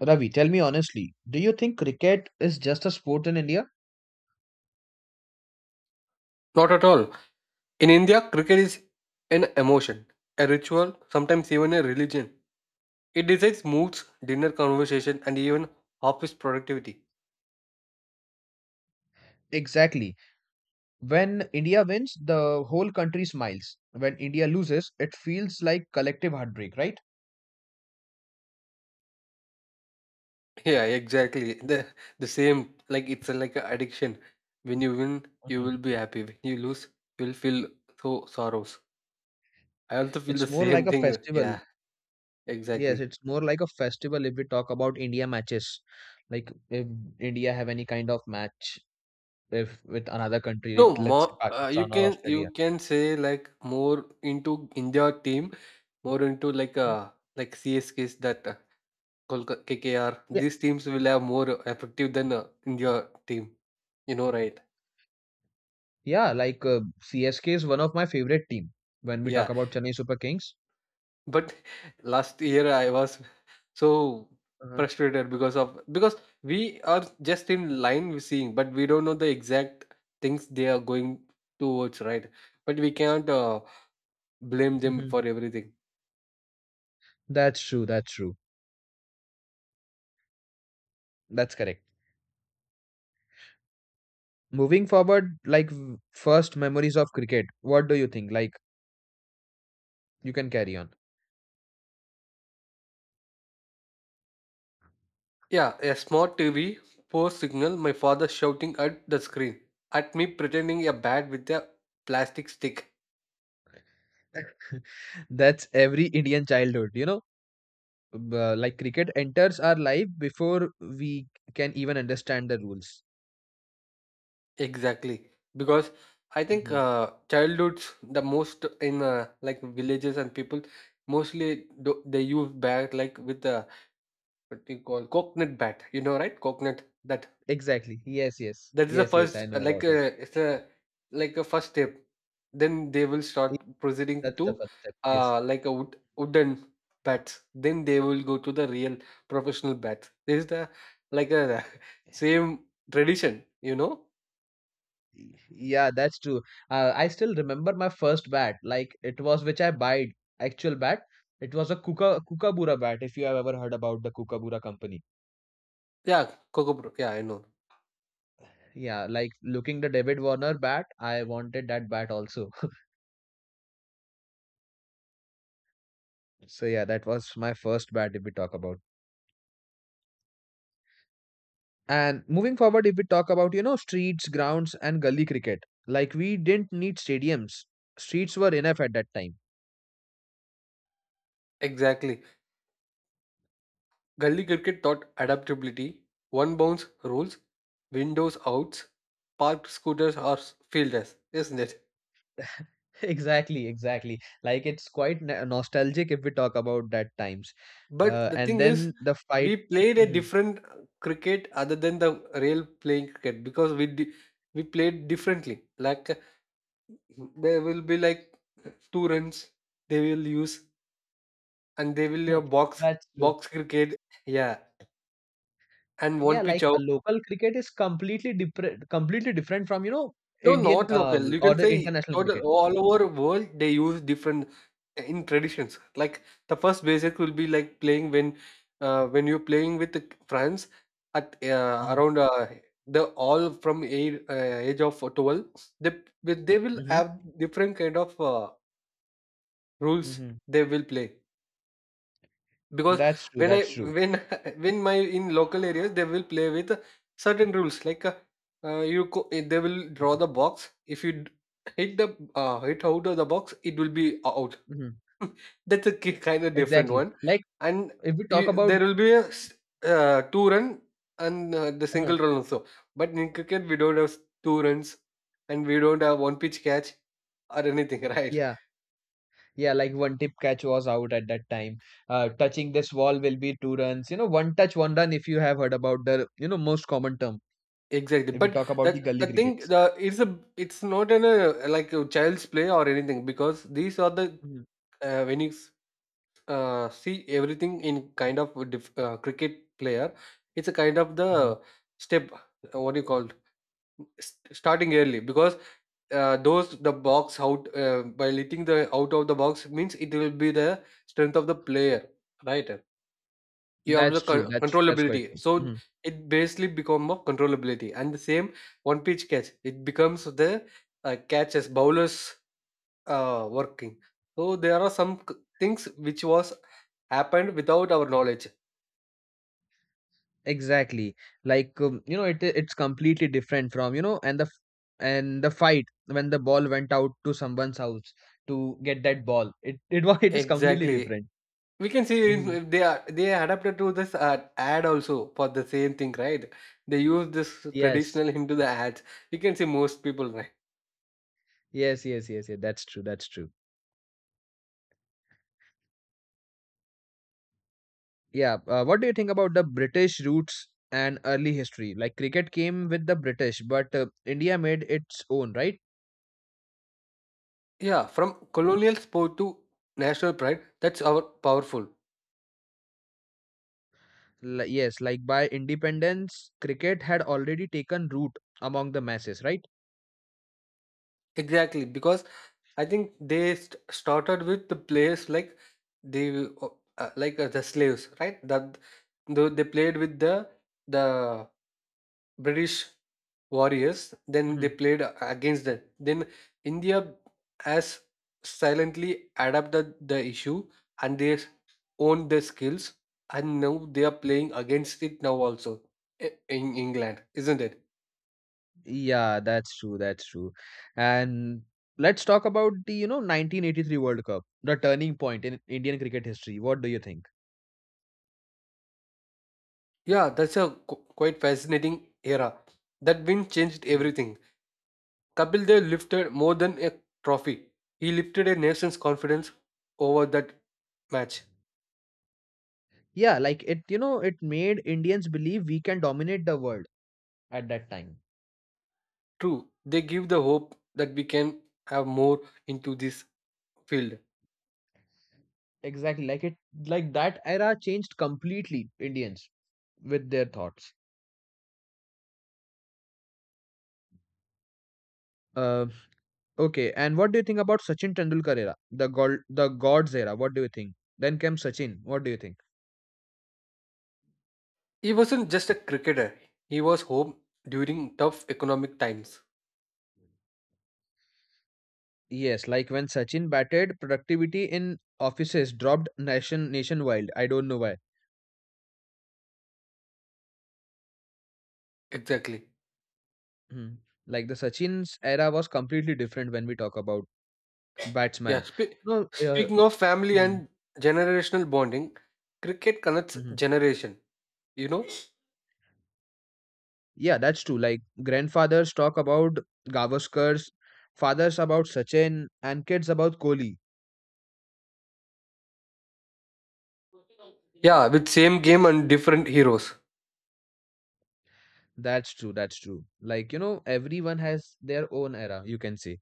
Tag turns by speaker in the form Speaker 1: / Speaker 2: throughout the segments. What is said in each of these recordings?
Speaker 1: Ravi, tell me honestly, do you think cricket is just a sport in India?
Speaker 2: Not at all. In India, cricket is an emotion, a ritual, sometimes even a religion. It decides moods, dinner conversation, and even office productivity.
Speaker 1: Exactly. When India wins, the whole country smiles. When India loses, it feels like collective heartbreak, right?
Speaker 2: Yeah, exactly. The same. Like it's a, like an addiction. When you win, you
Speaker 1: Mhm.
Speaker 2: will be happy. When you lose, you will feel so sorrows. I also feel the
Speaker 1: It's more like
Speaker 2: same
Speaker 1: a
Speaker 2: thing.
Speaker 1: festival.
Speaker 2: Yeah,
Speaker 1: Yes,
Speaker 2: exactly.
Speaker 1: it's more like a festival if we talk about India matches. Like if India have any kind of match if with another country,
Speaker 2: No,
Speaker 1: let's say
Speaker 2: more. You
Speaker 1: Pakistan or
Speaker 2: can
Speaker 1: Australia.
Speaker 2: you can say like more into India team, more into
Speaker 1: Mhm.
Speaker 2: like CSKs that. Kolkata, KKR,
Speaker 1: Yeah,
Speaker 2: these teams will have more effective than India team. You know, right?
Speaker 1: yeah, CSK is one of my favorite team when we talk
Speaker 2: Yeah.
Speaker 1: about Chennai Super Kings.
Speaker 2: But last year I was so
Speaker 1: Uh-huh.
Speaker 2: frustrated because we are just in line with seeing, but we don't know the exact things they are going towards, right? But we can't blame them for everything.
Speaker 1: That's true. That's true. That's correct. Moving forward, like first memories of cricket. What do you think? Like you can carry on.
Speaker 2: Yeah, a smart TV, poor signal, my father shouting at the screen at me pretending a bat with a plastic stick.
Speaker 1: That's every Indian childhood, you know. Like cricket enters our life before we can even understand the rules.
Speaker 2: Exactly. Because I think
Speaker 1: Hmm.
Speaker 2: childhoods, the most in like villages and people, mostly do, they use bat like with the what do you call coconut bat. You know, right? Coconut. That
Speaker 1: Exactly. Yes, yes.
Speaker 2: that is the
Speaker 1: Yes, yes. I
Speaker 2: first
Speaker 1: know about it.
Speaker 2: it's a like a first step. Then they will start proceeding
Speaker 1: That's the
Speaker 2: to
Speaker 1: first step. Yes.
Speaker 2: like a wooden bats. Then they will go to the real professional bats. This is the like a same tradition. You know?
Speaker 1: Yeah, that's true. I still remember my first bat. Like it was which I bought actual bat. It was a Kuka Kookaburra bat. If you have ever heard about the Kookaburra company,
Speaker 2: Yeah, coco. Yeah, I know.
Speaker 1: yeah. Like looking the David Warner bat, I wanted that bat also. So yeah, that was my first bat. If we talk about and moving forward, if we talk about, you know, streets, grounds, and gully cricket, like we didn't need stadiums. Streets were enough at that time.
Speaker 2: Exactly. Gully cricket taught adaptability, one bounce rules, windows outs, parked scooters or fielders, isn't it?
Speaker 1: Exactly, exactly. Like it's quite nostalgic if we talk about that times.
Speaker 2: But the
Speaker 1: And
Speaker 2: thing is,
Speaker 1: then the fight.
Speaker 2: we played a
Speaker 1: Mhm.
Speaker 2: different cricket other than the real playing cricket because we played differently. Like there will be like two runs they will use, and they will have
Speaker 1: That's true.
Speaker 2: box cricket, yeah, and one
Speaker 1: Yeah,
Speaker 2: pitch
Speaker 1: like
Speaker 2: out.
Speaker 1: a local cricket is completely different from, you know,
Speaker 2: No,
Speaker 1: Indian
Speaker 2: not local. You
Speaker 1: or
Speaker 2: can
Speaker 1: the
Speaker 2: say
Speaker 1: international
Speaker 2: total
Speaker 1: cricket.
Speaker 2: all over world they use different in traditions. Like the first basic will be like playing when when you're playing with the friends at
Speaker 1: Mm-hmm.
Speaker 2: around the all from age of 12 they they will
Speaker 1: Mm-hmm.
Speaker 2: have different kind of rules
Speaker 1: Mm-hmm.
Speaker 2: they will play because
Speaker 1: That's true.
Speaker 2: when i
Speaker 1: That's true.
Speaker 2: when when my in local areas they will play with certain rules like you they will draw
Speaker 1: Mm-hmm.
Speaker 2: the box if hit the hit out of the box it will be out.
Speaker 1: Mm-hmm.
Speaker 2: That's a kind of different
Speaker 1: Exactly.
Speaker 2: one.
Speaker 1: Like
Speaker 2: And
Speaker 1: if we talk
Speaker 2: you,
Speaker 1: about,
Speaker 2: there will be two run, and the
Speaker 1: uh,
Speaker 2: single run also, but in cricket we don't have two runs and we don't have one pitch catch or anything right.
Speaker 1: yeah. Yeah, like one tip catch was out at that time. Touching this wall will be two runs. You know, one touch, one run, if you have heard about the, you know, most common term,
Speaker 2: Exactly,
Speaker 1: if we
Speaker 2: but
Speaker 1: talk about the
Speaker 2: that
Speaker 1: gully
Speaker 2: the thing
Speaker 1: crickets.
Speaker 2: the it's a it's not in a like a child's play or anything, because these are the
Speaker 1: Mhm,
Speaker 2: when see everything in kind of a cricket player, it's a kind of
Speaker 1: mhm.
Speaker 2: the step what do you call starting early, because those the box out by letting the out of the box means it will be the strength of the player, right? You have the
Speaker 1: That's true. That's quite
Speaker 2: controllability.
Speaker 1: true.
Speaker 2: So
Speaker 1: Mhm.
Speaker 2: it basically become of controllability, and the same one pitch catch it becomes the catch as bowlers working. So there are some things which was happened without our knowledge.
Speaker 1: Exactly. You know, it's completely different from, you know, and the fight when the ball went out to someone's house to get that ball. It was it is completely
Speaker 2: Exactly,
Speaker 1: different.
Speaker 2: we can see
Speaker 1: Mhm.
Speaker 2: if they are they adapted to this ad also for the same thing, right? They use this
Speaker 1: Yes.
Speaker 2: traditional into the ads. You can see most people, right?
Speaker 1: Yes, yes, yes, yeah. That's true. That's true. Yeah. What do you think about the British roots and early history? Like cricket came with the British, but India made its own, right?
Speaker 2: Yeah, from colonial sport to national pride, that's our powerful.
Speaker 1: Yes. Like by independence, cricket had already taken root among the masses, right?
Speaker 2: Exactly, because I think they st started with the players like they uh, the slaves, right? That they played with the British warriors, then
Speaker 1: Hmm.
Speaker 2: they played against them. Then India has silently adapted the issue and owned the skills, and now they are playing against it now also in England, isn't it?
Speaker 1: Yeah, that's true. That's true. And let's talk about the, you know, 1983 World Cup, the turning point in Indian cricket history. What do you think?
Speaker 2: Yeah, that's a quite fascinating era. That win changed
Speaker 1: Mhm.
Speaker 2: everything. Kapil Dev lifted more than a trophy. He lifted a nation's confidence over that match.
Speaker 1: Yeah, like it, you know, it made Indians believe we can dominate the world at that time.
Speaker 2: True, they give the hope that we can have more into this field.
Speaker 1: Exactly, like it like that era changed completely Indians with their thoughts. Uh, okay, and what do you think about Sachin Tendulkar era, the gold, the gods era? What do you think? Then came Sachin. What do you think?
Speaker 2: He wasn't just a cricketer. He was home during tough economic times.
Speaker 1: Yes, like when Sachin batted, productivity in offices dropped nationwide. I don't know why.
Speaker 2: Exactly.
Speaker 1: Hmm. Like the Sachin's era was completely different when we talk about
Speaker 2: Yeah.
Speaker 1: batsman. No,
Speaker 2: Speaking of family
Speaker 1: mhm,
Speaker 2: and generational bonding, cricket connects
Speaker 1: mhm.
Speaker 2: generation. You know.
Speaker 1: Yeah, that's true. Like grandfathers talk about Gavaskars, fathers about Sachin, and kids about Kohli.
Speaker 2: Yeah, with same game and different heroes.
Speaker 1: That's true. That's true. Like, you know, everyone has their own era, you can say.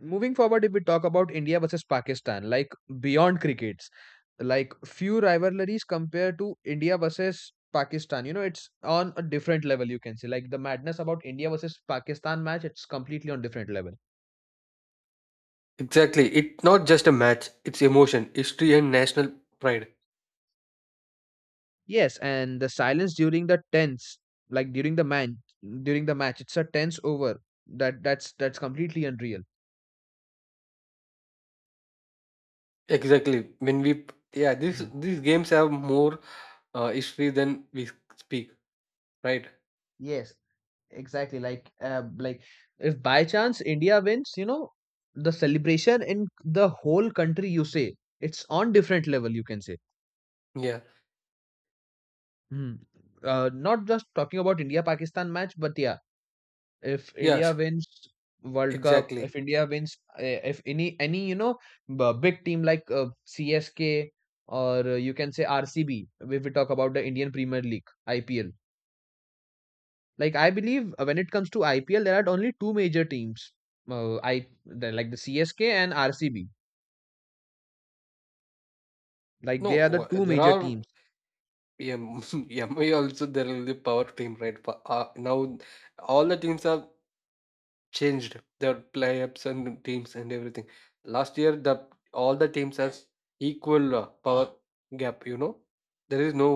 Speaker 1: Moving forward, if we talk about India versus Pakistan, like beyond crickets, like few rivalries compared to India versus Pakistan. You know, it's on a different level, you can say. Like the madness about India versus Pakistan match, it's completely on different level.
Speaker 2: Exactly. It's not just a match, it's emotion, history and national pride.
Speaker 1: Yes, and the silence during the tense, like during the match, it's a tense over. That's completely unreal.
Speaker 2: Exactly. This
Speaker 1: Mhm.
Speaker 2: these games have more history than we speak, right?
Speaker 1: Yes, exactly. Like if by chance India wins, you know, the celebration in the whole country, you say, it's on different level. You can say.
Speaker 2: Yeah.
Speaker 1: Mhm. Not just talking about India Pakistan match, but yeah, if India
Speaker 2: Yes,
Speaker 1: wins World Cup,
Speaker 2: exactly.
Speaker 1: if India wins, eh, if any, you know, big team like CSK or you can say RCB, if we talk about the Indian Premier League IPL, like I believe when it comes to IPL, there are only two major teams. Like the CSK and RCB, like
Speaker 2: No,
Speaker 1: they are the two
Speaker 2: there
Speaker 1: major
Speaker 2: are,
Speaker 1: teams.
Speaker 2: yeah, MI also there will be power team, right? But, now all the teams are changed their play-ups and teams and everything. Last year, the all the teams has equal power gap. You know, there is no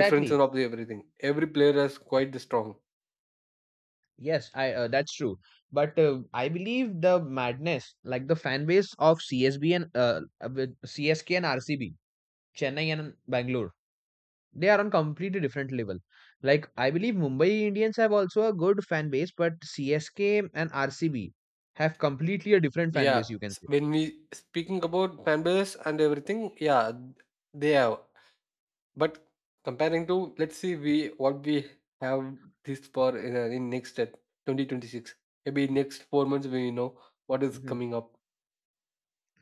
Speaker 2: difference in of the everything. Every player is quite the strong.
Speaker 1: Yes, I that's true. But I believe the madness, like the fan base of CSB and with CSK and RCB, Chennai and Bangalore, they are on completely different level. Like I believe Mumbai Indians have also a good fan base, but CSK and RCB have completely a different fan
Speaker 2: Yeah,
Speaker 1: base. You can say.
Speaker 2: when we speaking about fan base and everything, yeah, they have. But comparing to let's see, we what we have this for in next 2026. Maybe next 4 months we know what is
Speaker 1: Mhm.
Speaker 2: coming up.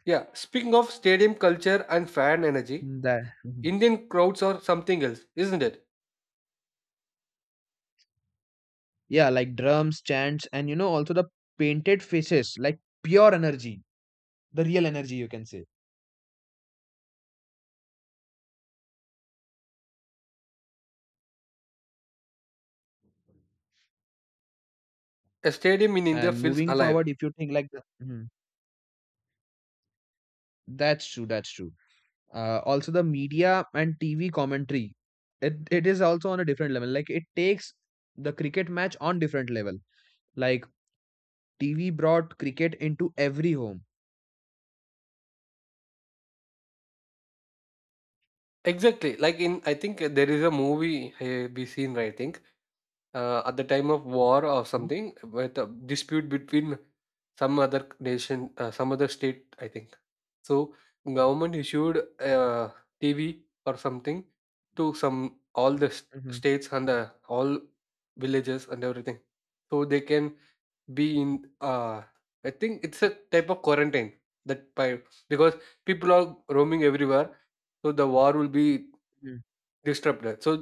Speaker 2: Yeah, speaking of stadium culture and fan energy,
Speaker 1: That. Mhm.
Speaker 2: Indian crowds are something else, isn't it?
Speaker 1: Yeah, like drums, chants, and you know also the painted faces, like pure energy, the real energy you can say.
Speaker 2: A stadium in India
Speaker 1: And
Speaker 2: feels
Speaker 1: moving
Speaker 2: alive.
Speaker 1: forward, if you think like the, mhm, that's true, that's true, also the media and TV commentary, it is also on a different level. Like it takes the cricket match on different level. Like TV brought cricket into every home.
Speaker 2: Exactly, like in I think there is a movie we seen right, I think at the time of war or
Speaker 1: Mhm,
Speaker 2: something with a dispute between some other nation, some other state, I think. So government issued a TV or something to some all
Speaker 1: mhm,
Speaker 2: states and the, all villages and everything, so they can be in I think it's a type of quarantine, that by, because people are roaming everywhere, so the war will be
Speaker 1: mhm.
Speaker 2: disrupted, so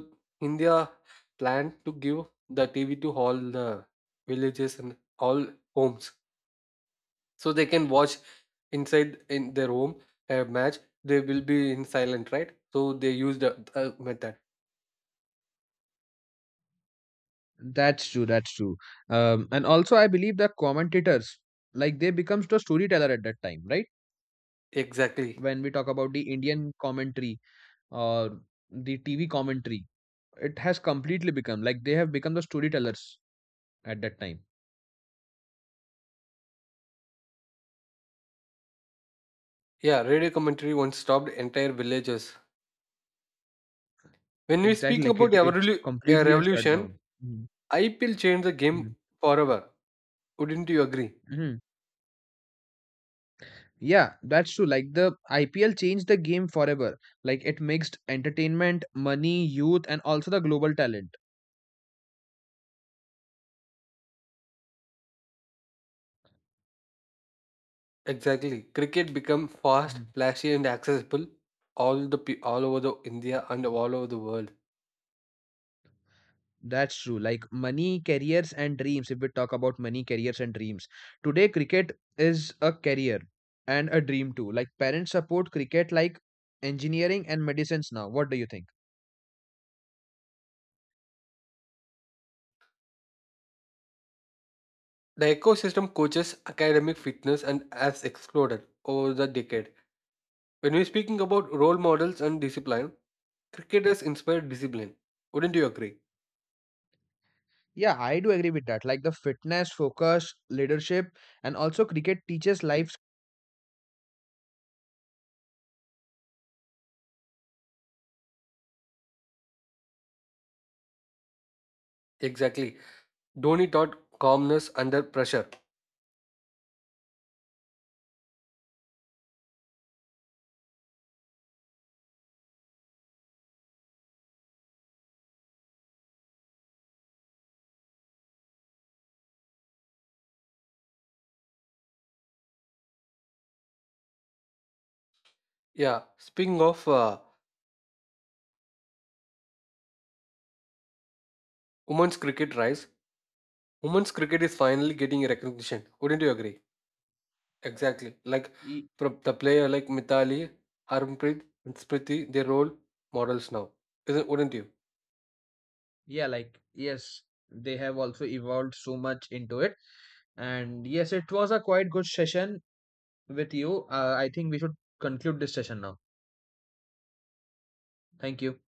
Speaker 2: India planned to give the TV to all the villages and all homes, so they can watch inside in their home a match. They will be in silent, right? So they used the method.
Speaker 1: That's true, that's true. And also I believe the commentators, like they becomes the storyteller at that time, right?
Speaker 2: Exactly.
Speaker 1: When we talk about the Indian commentary or the TV commentary, it has completely become, like they have become the storytellers at that time.
Speaker 2: Yeah, radio commentary once stopped entire villages. When we
Speaker 1: Exactly,
Speaker 2: speaking about the
Speaker 1: it's completely a
Speaker 2: revolution,
Speaker 1: shutdown. Mhm,
Speaker 2: IPL changed the game
Speaker 1: mhm,
Speaker 2: forever. Wouldn't you agree?
Speaker 1: mhm. Yeah, that's true. Like the IPL changed the game forever. Like it mixed entertainment, money, youth, and also the global talent.
Speaker 2: Exactly. Cricket became fast,
Speaker 1: Mhm.
Speaker 2: flashy, and accessible all over the India and all over the world.
Speaker 1: That's true. Like money, careers, and dreams. If we talk about money, careers, and dreams, today cricket is a career and a dream too. Like parents support cricket like engineering and medicines now. What do you think?
Speaker 2: The ecosystem coaches academic fitness and has exploded over the decade. When we're speaking about role models and discipline, cricket has inspired discipline. Wouldn't you agree?
Speaker 1: Yeah, I do agree with that. Like the fitness, focus, leadership, and also cricket teaches life.
Speaker 2: Exactly. Dhoni taught calmness under pressure. Yeah. Speaking of women's cricket rise, women's cricket is finally getting recognition. Wouldn't you agree? Exactly. Like
Speaker 1: Y-
Speaker 2: the player like Mithali, Harmanpreet, and Spriti, they role models now. Isn't wouldn't you?
Speaker 1: yeah, like yes, they have also evolved so much into it, and yes, it was a quite good session with you. I think we should conclude this session now. Thank you.